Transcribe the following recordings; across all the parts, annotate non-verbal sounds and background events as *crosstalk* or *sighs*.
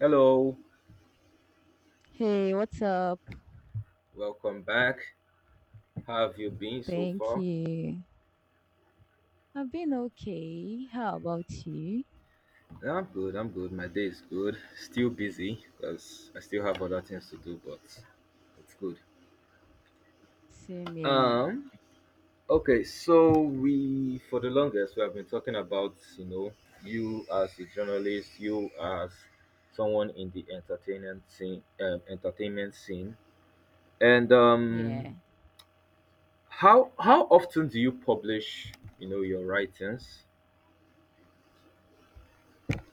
Hello, Hey, what's up? welcome back. How have you been so Thank far? you. I've been okay. How about you? Yeah, I'm good, I'm good. My day is good. Still busy because I still have other things to do, but it's good. Same here. Um, okay, so we, for the longest, we have been talking about, you as a journalist, you as someone in the entertainment scene, entertainment scene. And Yeah. how often do you publish, your writings?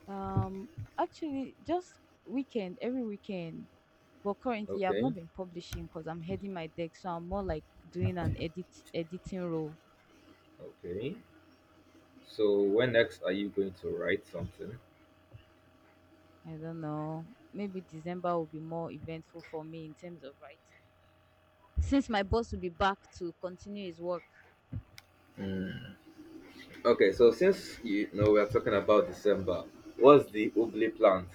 Um, actually, just weekend, every weekend. But currently, I've Okay, not been publishing because I'm heading my deck, so I'm more like doing an editing role. okay. So, when next are you going to write something? I don't know. Maybe December will be more eventful for me in terms of writing, since my boss will be back to continue his work. Mm. Okay, so Mm-hmm. since you know we're talking about December, what's the ugly plant?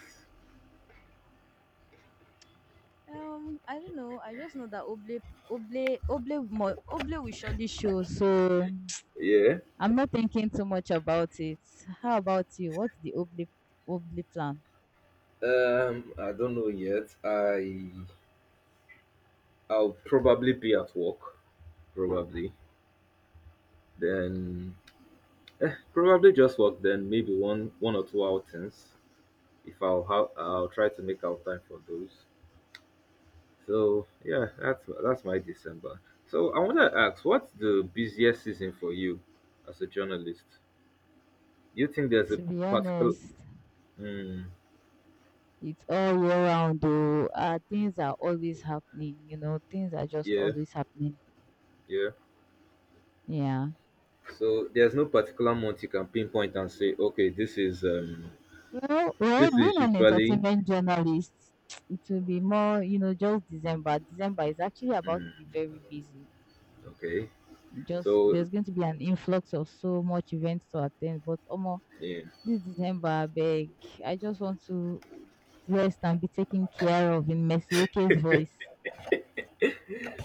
I don't know. I just know that Oble will surely show. So Yeah. I'm not thinking too much about it. How about you? What's the Oble plan? I don't know yet. I'll probably be at work, probably. Then probably just work. Then maybe one or two outings. If I'll have, I'll try to make out time for those. So yeah, that's my December. So I want to ask, what's the busiest season for you as a journalist? You think there's a To be particular. honest, mm, it's all year round though. Things are always happening, you know, things are just yeah, always happening. yeah. Yeah. So there's no particular month you can pinpoint and say, okay, this is, Well, being an usually entertainment journalist, *tsk* it will be more, you know, just December. December is actually about to be very busy. okay. Just So there's going to be an influx of so much events to attend, but omo, yeah. this December, I just want to rest and be taken care of in Mercy voice.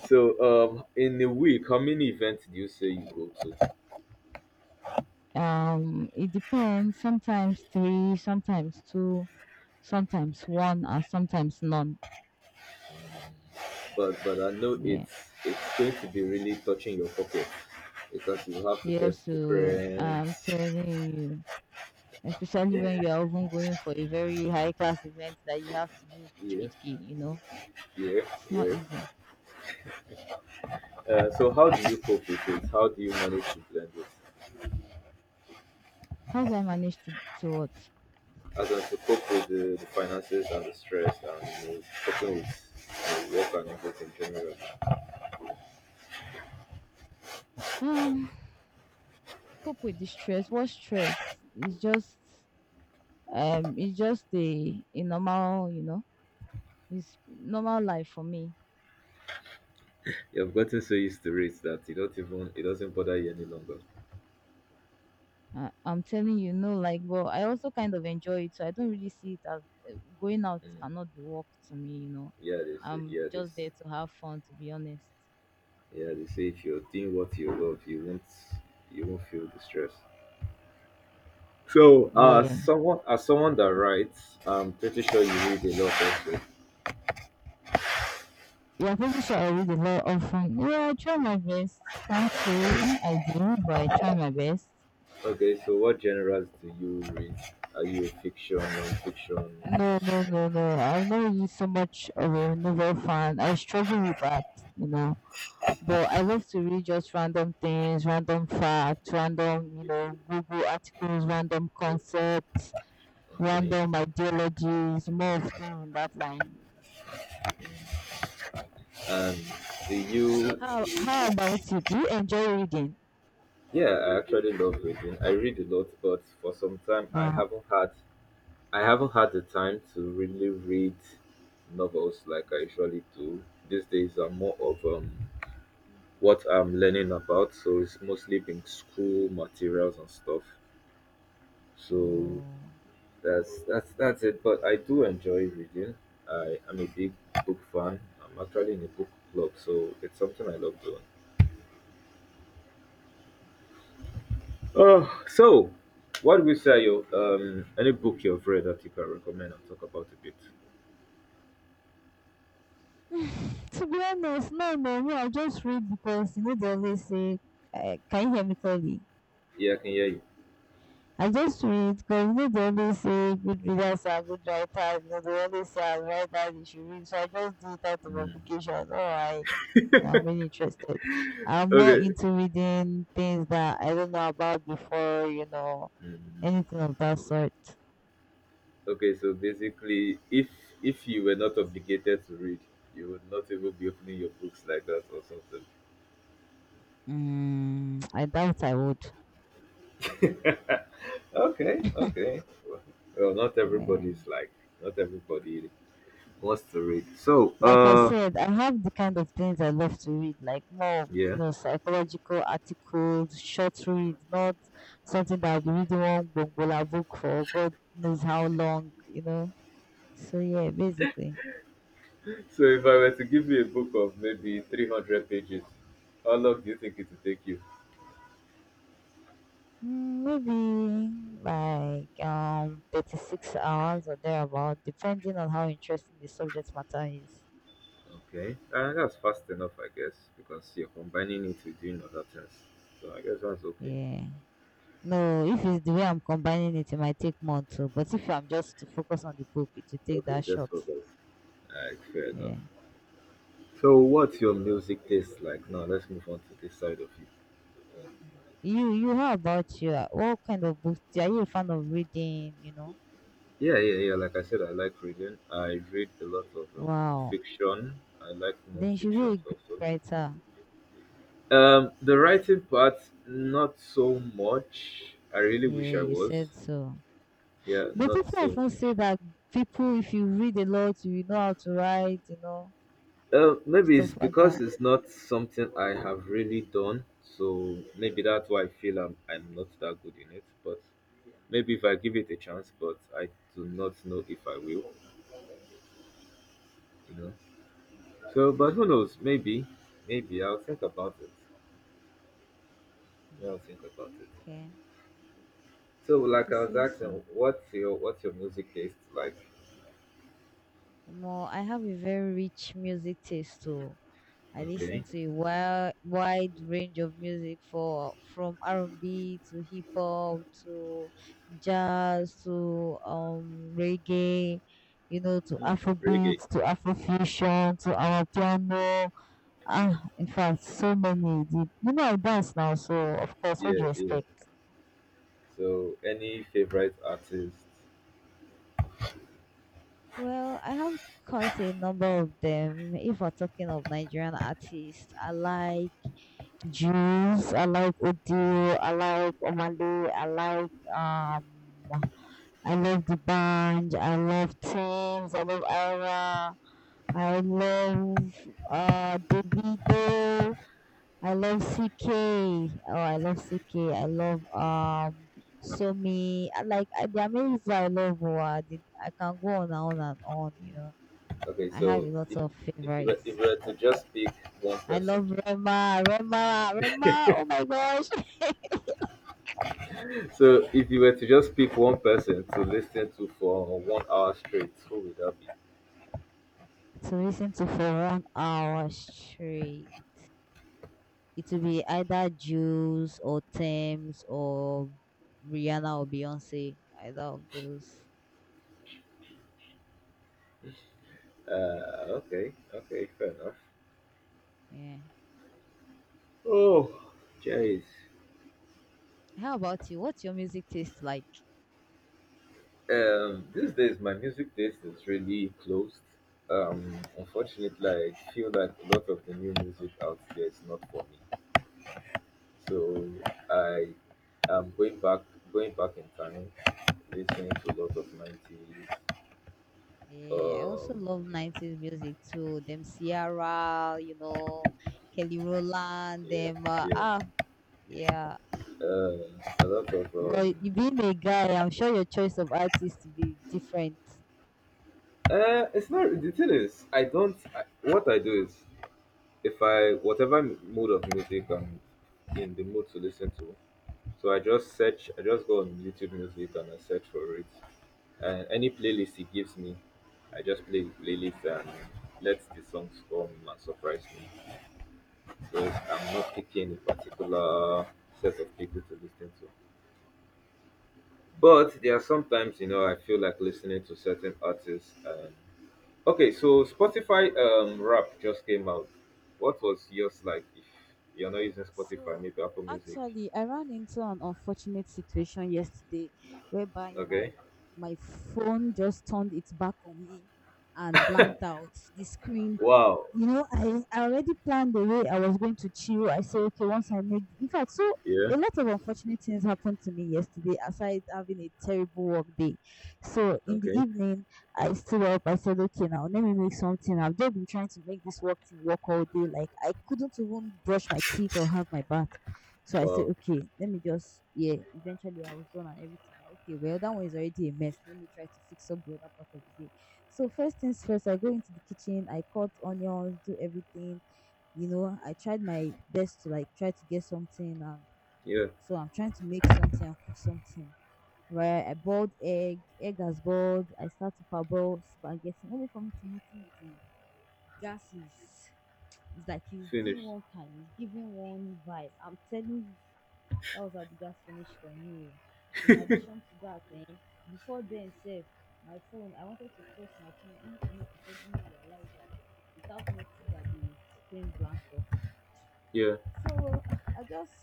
So, in a week, how many events do you say you go to? It depends. Sometimes three, sometimes two, sometimes one, and sometimes none. But I know Yeah. it's going to be really touching your pocket because you have to Yeah, get so different. I'm telling you, especially when you are even going for a very high class event that you have to do Yeah, jiki jiki, you know, yeah, it's not yeah. easy. So, how do you cope with it? How do you manage to blend it How do I to what? as I to cope with the, finances and the stress and, coping with, work and everything generally. Um, cope with the stress. What stress? It's just it's just a normal, you know, it's normal life for me. You've gotten so used to it that you don't even it doesn't bother you any longer. I'm telling you, no, like but I also kind of enjoy it, so I don't really see it as going out cannot be work to me, you know. Yeah, they say I'm yeah this just there to have fun to be honest. yeah they say if you're doing what you love, you won't feel the stress. So Yeah. someone as someone that writes, I'm pretty sure you read a lot also. Yeah, pretty sure I read a lot of fun. Yeah, I try my best. Can't say I do, but I try my best. Okay, so what genres do you read? Are you a fiction, non fiction? No. I'm not really so much of a novel fan. I struggle with that, you know. But I love to read just random things, random facts, random, you know, Google articles, random concepts, Okay. random ideologies, more of things in that line. And do you How about you? Do you enjoy reading? Yeah, I actually love reading. I read a lot, but for some time Wow. I haven't had the time to really read novels like I usually do. These days are more of what I'm learning about, so it's mostly been school materials and stuff. So Oh, that's it. But I do enjoy reading. I am a big book fan. I'm actually in a book club, so it's something I love doing. So, what would you say you any book you've read that you can recommend and talk about a bit? to be honest, no. I just read because you know they always say, "Can you hear me clearly?" Yeah, I can hear you. I just read because you know they always say good readers are good writers. You know they always say as writers you should read. So I just do it out of Mm. obligation. Oh, like you know, I'm really interested. I'm more Okay. into reading things that I don't know about before. You know Mm. anything of that sort. Okay, so basically, if you were not obligated to read, you would not even be opening your books like that or something. Mm, I doubt I would. Okay, okay. Well, Yeah. Not everybody wants to read. So, Like I said, I have the kind of things I love to read, like more, you yeah. know, psychological articles, short reads, not something that I'll be reading one bongola book for God knows how long, you know. So yeah, basically. So if I were to give you a book of maybe 300 pages, how long do you think it would take you? Maybe like 36 hours or thereabout, depending on how interesting the subject matter is. Okay, that's fast enough, I guess, because you're combining it with doing other things. So I guess that's okay. Yeah. No, if it's the way I'm combining it, it might take more too. But if I'm just to focus on the book, it will take Okay, that just short. for that. Alright, fair enough. Yeah. So what's your music taste like? Now let's move on to this side of you. You how about you? Like, what kind of books are you a fan of reading, you know? Yeah, yeah, yeah. Like I said, I like reading. I read a lot of Wow. fiction. I like Then you should be non-fiction a great also. writer. The writing part, not so much. I really wish Yeah, I you was. said so. Yeah, But not people so often say much. that people if you read a lot you know how to write, you know, Maybe it's stuff like because that. it's not something I have really done, so maybe that's why I feel I'm not that good in it. But maybe if I give it a chance, but I do not know if I will, you know. So, but who Mm, knows? Maybe I'll think about it. Yeah, mm. I'll think about it. Okay. So, If like you I was say so. asking, what's your music taste like? More I have a very rich music taste too. I listen Okay, to a wide range of music for from R&B to hip hop to jazz to reggae, you know, to mm, Afrobeat reggae. to Afrofusion to our piano. Ah, in fact, so many. The- You know, I dance now, so of course, what do Yeah, you yeah. expect? So, any favorite artists? Well, I have quite a number of them. If we're talking of Nigerian artists, I like Jews. I like Udu. I like Omalé, I like I love the band. I love Teams. I love Ara. I love Davido. I love CK. Oh, I love CK. I love Somi. I like, there are many people I love who are- I can go on and on and on. You know, Okay, I have so a lot if of if you were, if favorites. you were to just pick one I person, love Rema. Oh my gosh. *laughs* so if you were to just pick one person to listen to for 1 hour straight, who would that be? To listen to for 1 hour straight. It will be either Juice or Thames or Rihanna or Beyonce, either of those. Okay, okay, fair enough. Yeah. Oh, jeez. How about you? What's your music taste like? These days my music taste is really closed. Unfortunately, I feel that a lot of the new music out there is not for me. So I am going back in time, listening to a lot of 90s. Yeah, I also Um, love 90s music too. Them Ciara, you know, Kelly Rowland, yeah, them, yeah. Yeah. Uh, a lot of Well, um. you being a guy, I'm sure your choice of artists will be different. It's not. The thing is, I don't. What I do is, if I whatever mood of music I'm in the mood to listen to, so I just search. I just go on YouTube Music and I search for it, and any playlist it gives me, I just play the playlist and let the songs come and surprise me. So I'm not picking a particular set of people to listen to. But there are sometimes, you know, I feel like listening to certain artists. And okay, so Spotify rap just came out. What was yours like? If you're not using Spotify, So maybe Apple Music. actually, I ran into an unfortunate situation yesterday whereby Okay. my phone just turned its back on me and blanked out the screen. Wow. You know, I already planned the way I was going to chill. I said, okay, once I make, in fact, so Yeah. a lot of unfortunate things happened to me yesterday, aside having a terrible work day. So in the Okay. evening, I stood up. I said, okay, now let me make something. I've just been trying to make this work thing work all day. Like I couldn't even brush my teeth or have my bath. So I said, Wow. okay, let me just yeah. Eventually, I was done and everything. Now, okay, well that one is already a mess. Let me try to fix up the other part of the day. So first things first, I go into the kitchen. I cut onions, do everything. You know, I tried my best to like try to get something. Yeah. So I'm trying to make something and cook something where I boiled egg, egg has boiled. I start to parboil spaghetti only for me to notice the gas is it's like he's doing Finished. one kind, he's giving one vibe. I'm telling you, that was how the gas finished on me. Oh. In addition to that, before then sef, my phone, I wanted to press my phone only for me to suddenly realize that without no food that the screen blanked off. Yeah. So *sighs* I just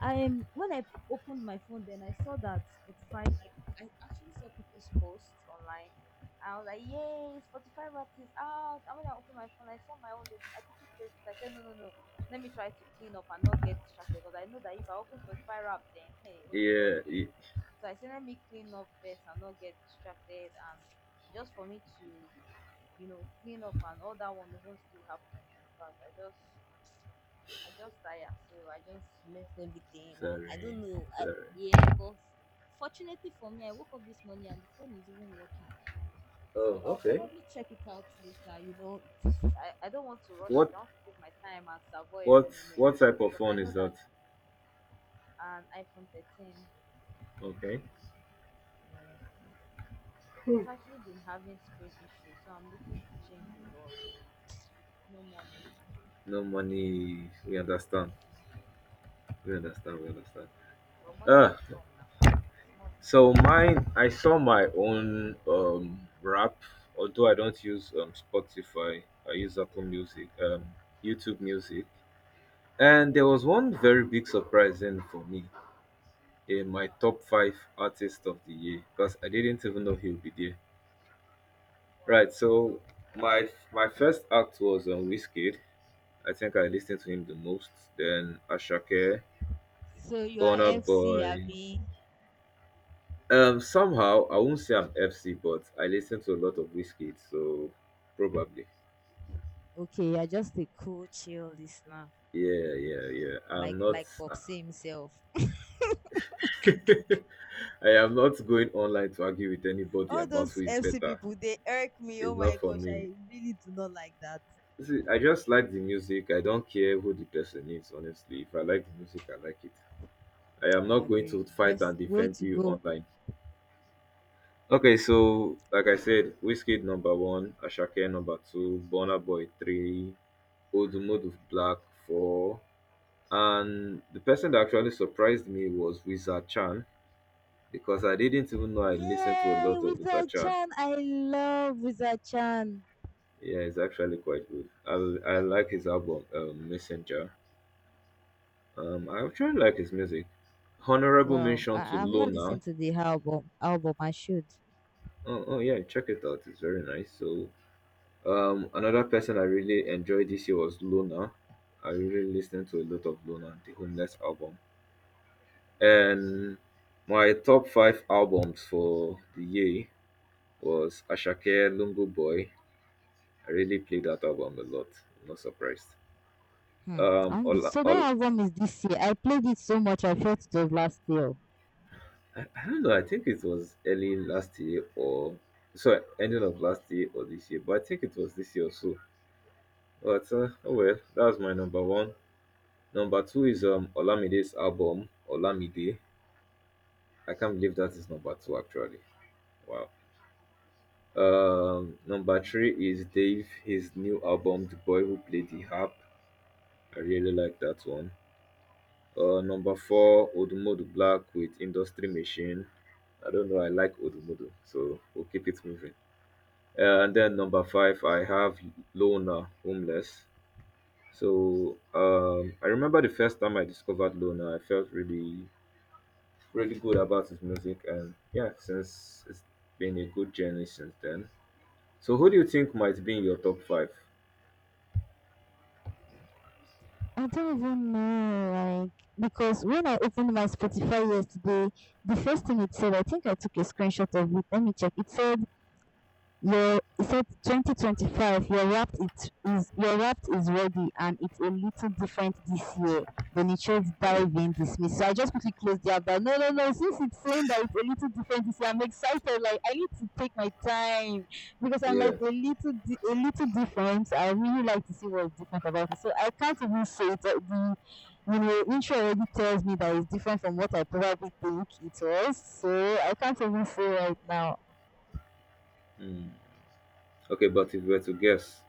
I when I opened my phone then I saw that Spotify like I actually saw people's posts online. I was like, yay, Spotify wrapped is out. And when I opened my phone, I saw my own loading. I quickly closed it. I said, No. Let me try to clean up and not get distracted because I know that if I open Spotify Wrapped, then hey, what's on Yeah. here? So I said, let me clean up first and not get distracted. And just for me to, you know, clean up and all that one won't still happen. In fact, I just tired, so I just left everything, and I Sorry. don't know. Sorry. Yeah, but fortunately for me, I woke up this morning and the phone is even working. Oh, So I'll okay. probably check it out later. You know, I don't want to rush it. What? I want to take my time and savour every What? moment What type of because I phone know is that that? an iPhone 13, Okay. uh, it's actually been having screen issues. So I'm looking to change it, but no money. No money. We understand. Mhm. We understand. We understand. But money Ah, will come now. Small thing. so mine, I saw my own rap, although I don't use Spotify. I use Apple Music, YouTube Music, and there was one very big surprise in for me in my Wow, top five artist of the year because I didn't even know he would be there. wow. Right. Tell So me. my first act was on Wizkid. I think I listened to him the most. Then Ashake, So you are Burna FC, Boy. Abby. Somehow I won't say I'm FC, but I listen to a lot of Wizkid, so probably. Okay, you're just a cool, chill listener, Yeah, yeah, yeah. like I'm not. like Popsy himself. *laughs* I am not going online to argue with anybody All about who those is FC better. people, they irk me. Oh It's my not for gosh, me. I really do not like that. See, I just like the music. I don't care who the person is. Honestly, if I like the music, I like it. I am I not going agree. to fight Best and way defend to you go. online. Okay, so like I said, Whiskey number one, Ashake number two, Burna Boy three, Odumodu Black four. And the person that actually surprised me was Wizard Chan because I didn't even know I listened to a Yay, lot of Wizard Wizard Chan. Chan! I love Wizard Chan. Yeah, he's actually quite good. I like his album, Messenger. I actually like his music. Honorable Well, mention to I've not Lona. listened to the album. Album, I should. Oh, oh yeah, check it out. It's very nice. So, another person I really enjoyed this year was Lona. I really listened to a lot of Lona, the Homeless album. And my top five albums for the year was Ashake Lungu Boy. I really played that album a lot. I'm not surprised. Hmm. Um, And all, so all, that album is this year. I played it so much I felt it was last year. I don't know. I think it was early last year or sorry, ending of last year or this year, but I think it was this year or so. But oh well, that was my number one. Number two is Olamide's album Olamide. I can't believe that is number two actually. Wow. Number three is Dave, his new album, The Boy Who Played the Harp. I really like that one. Number four, Odumodu Black with Industry Machine. I don't know. I like Odumodu, so we'll keep it moving. And then number five, I have Lona Homeless. So I remember the first time I discovered Lona, I felt really, really good about his music, and yeah, since it's been a good journey since then. So who do you think might be in your top five? I don't even know, like, because when I opened my Spotify yesterday, the first thing it said, I think I took a screenshot of it. Let me check. It said 2025, your wrap is ready and it's a little different this year. Then it shows diving in dismiss. So I just quickly closed the app down. No. Since it's saying that it's a little different this year, I'm excited. Like I need to take my time because I'm like Yeah. A little different. I really like to see what's different about it. So I can't even say it. The intro already tells me that it's different from what I probably think it was. So I can't even say right now. Mm. Okay, but if you were to guess,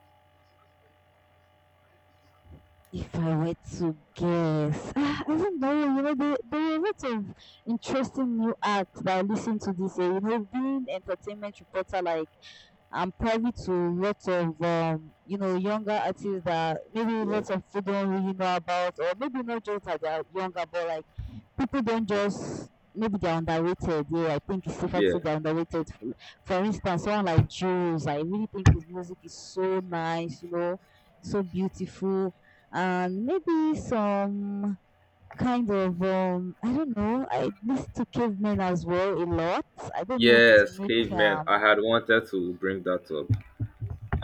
If I were to guess, *laughs* ah, I don't know. You know, there are lots of interesting new acts that I listen to this year. You know, being entertainment reporter, like I'm privy to lots of you know younger artists that maybe yeah, lots of people don't really know about, or maybe not just that they're younger, but like people don't just maybe they're underrated. Yeah, I think it's safer to yeah. say they're underrated. For instance, someone like Jules, I really think his music is so nice, you know, so beautiful, and maybe some kind of I don't know. I listen to Cavemen as well a lot. I don't know if it will Yes, make Caveman. I had wanted to bring that up.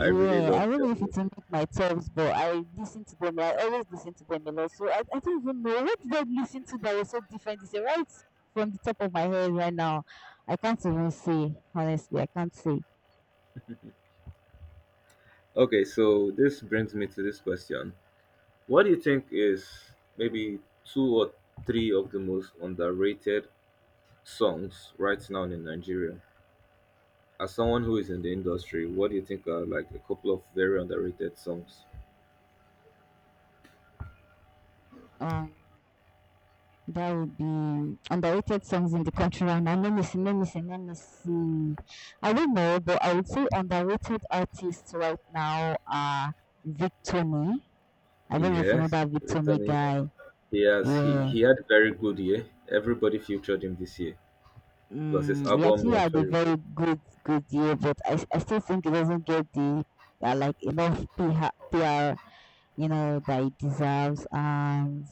I really I love don't that know if it's music. among my tops, but I listen to them. I always listen to them a lot. So I don't even know what did I listen to that was so different. It's right from the top of my head right now. I can't even say honestly. I can't say. Okay, so this brings me to this question. What do you think is maybe two or three of the most underrated songs right now in Nigeria? As someone who is in the industry, what do you think are like a couple of very underrated songs? Um, that would be underrated songs in the country right now. Let me see. I don't know, but I would say underrated artists right now are Victor. I don't know if you know Yes, that Victor Litany. guy. He has he, Yeah. he had a very good year. Everybody featured him this year. Plus his Mm, we album actually was had a very good. very good year, but I still think it doesn't get the like enough PR, you know that it deserves. And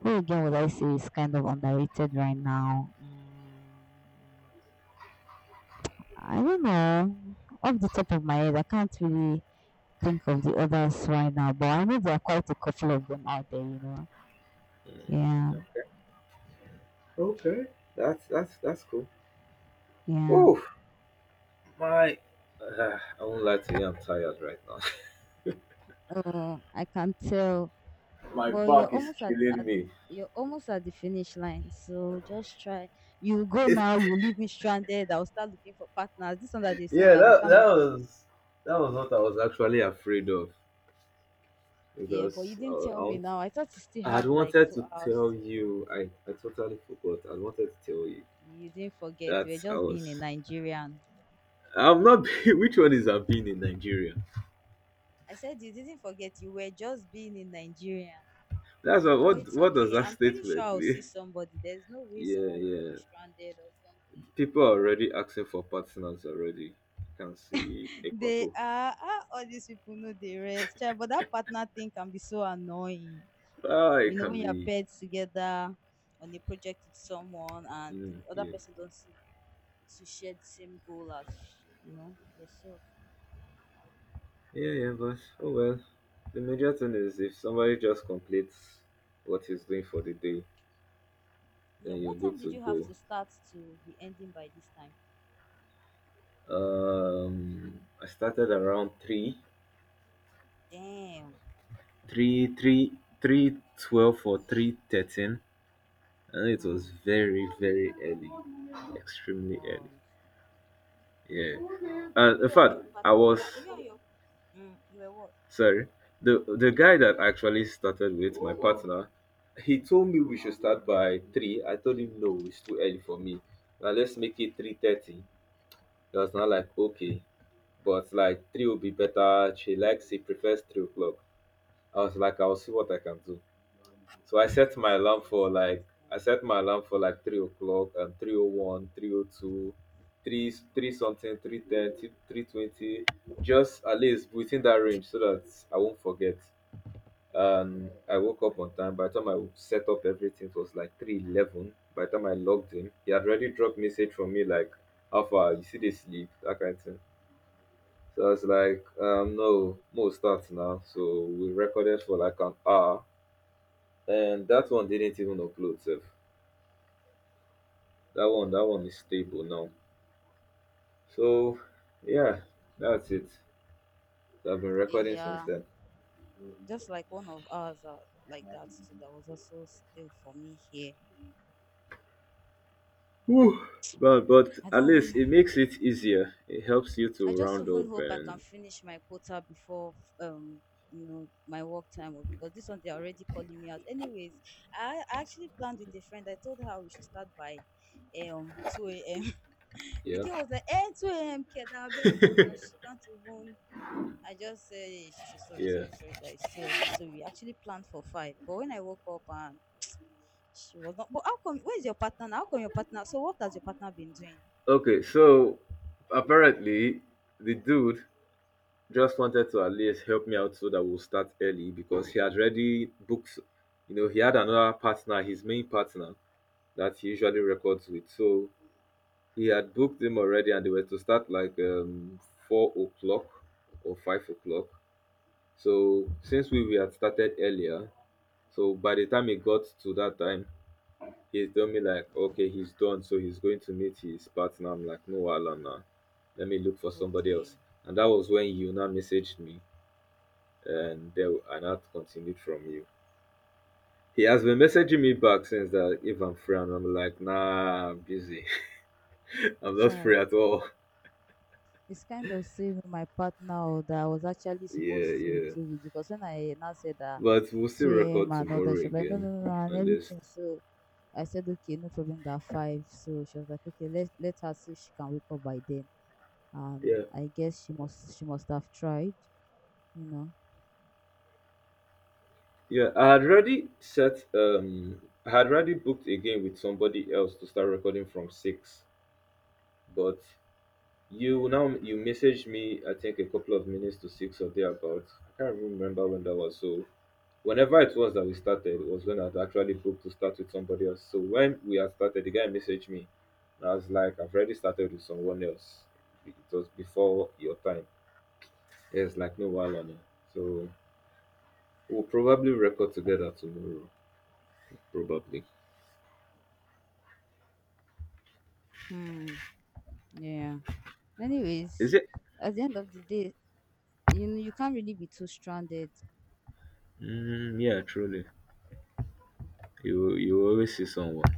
who again would I say is kind of underrated right now? Mm, I don't know. Off the top of my head, I can't really think of the others right now, but I know there are quite a couple of them out there. You know. Yeah. Yeah. Okay, that's cool. Yeah. Oh my! I won't lie to you. I'm tired right now. Oh, I can tell. *laughs* My Well, you're back is almost killing at the me. you're almost at the finish line. So just try. You go It, now, you leave me stranded. I'll start looking for partners. This one that they said yeah, that we that can't that be was that was what I was actually afraid of because I had wanted to tell you. I totally forgot. I wanted to tell you that I was. I'm not. *laughs* Which one is I'm being in Nigeria? That's what. What does that statement mean? *laughs* Yeah, yeah. People are already asking for partners already. I can see Ekwapo. Ah, it can be. Mm, yeah. Yeah, yeah, but oh well. The major thing is if somebody just completes what he's doing for the day, then you're good to go. I started around three, three, 3:12 or 3:13, and it was very, very early. Extremely early. Yeah. And in fact I was. Sorry. The guy that actually started with my partner, he told me we should start by three. I told him no, it's too early for me. Now let's make it 3:30. He was not like okay, but like three will be better. She likes He prefers 3 o'clock. I was like, I'll see what I can do. So I set my alarm for like 3 o'clock and 3:01, 3:02, three three something, 3:30, 3:20. Just at least within that range so that I won't forget, and I woke up on time. By the time I set up everything, it was like 3:11. By the time I logged in, he had already dropped message from me like, "How far? You see the sleep?" That kind of thing. So I was like, "No, more starts now." So we recorded for like an hour, and that one didn't even upload. Sef. That one is stable now. So yeah, that's it. So I've been recording since then. Whew. But at least it makes it easier. It helps you to round up and yeah. Yeah. Okay, so apparently the dude just wanted to at least help me out so that we'll start early because he had already booked, he had another partner, his main partner that he usually records with. So he had booked him already and they were to start like 4 o'clock or 5 o'clock. So since we had started earlier, so by the time it got to that time, he told me like, okay, he's done, so he's going to meet his partner. I'm like, no, Alana, let me look for somebody else. And that was when you now messaged me, and that continued from you. He has been messaging me back since that if I'm free, and I'm like, nah, I'm busy. *laughs* I'm not free at all. *laughs* Yeah, yeah. But we'll still record tomorrow again, at least. Yeah. Yeah, I had already booked again with somebody else to start recording from 6, but you now you messaged me I think a couple of minutes to 6 or thereabouts. I can't even remember when that was. So whenever it was that we started it was when I'd actually booked to start with somebody else. So when we had started, the guy messaged me. And I was like, I've already started with someone else. It was before your time. It's like no while on it. So we'll probably record together tomorrow. Probably. Is it? Mm, yeah, truly. You always see someone.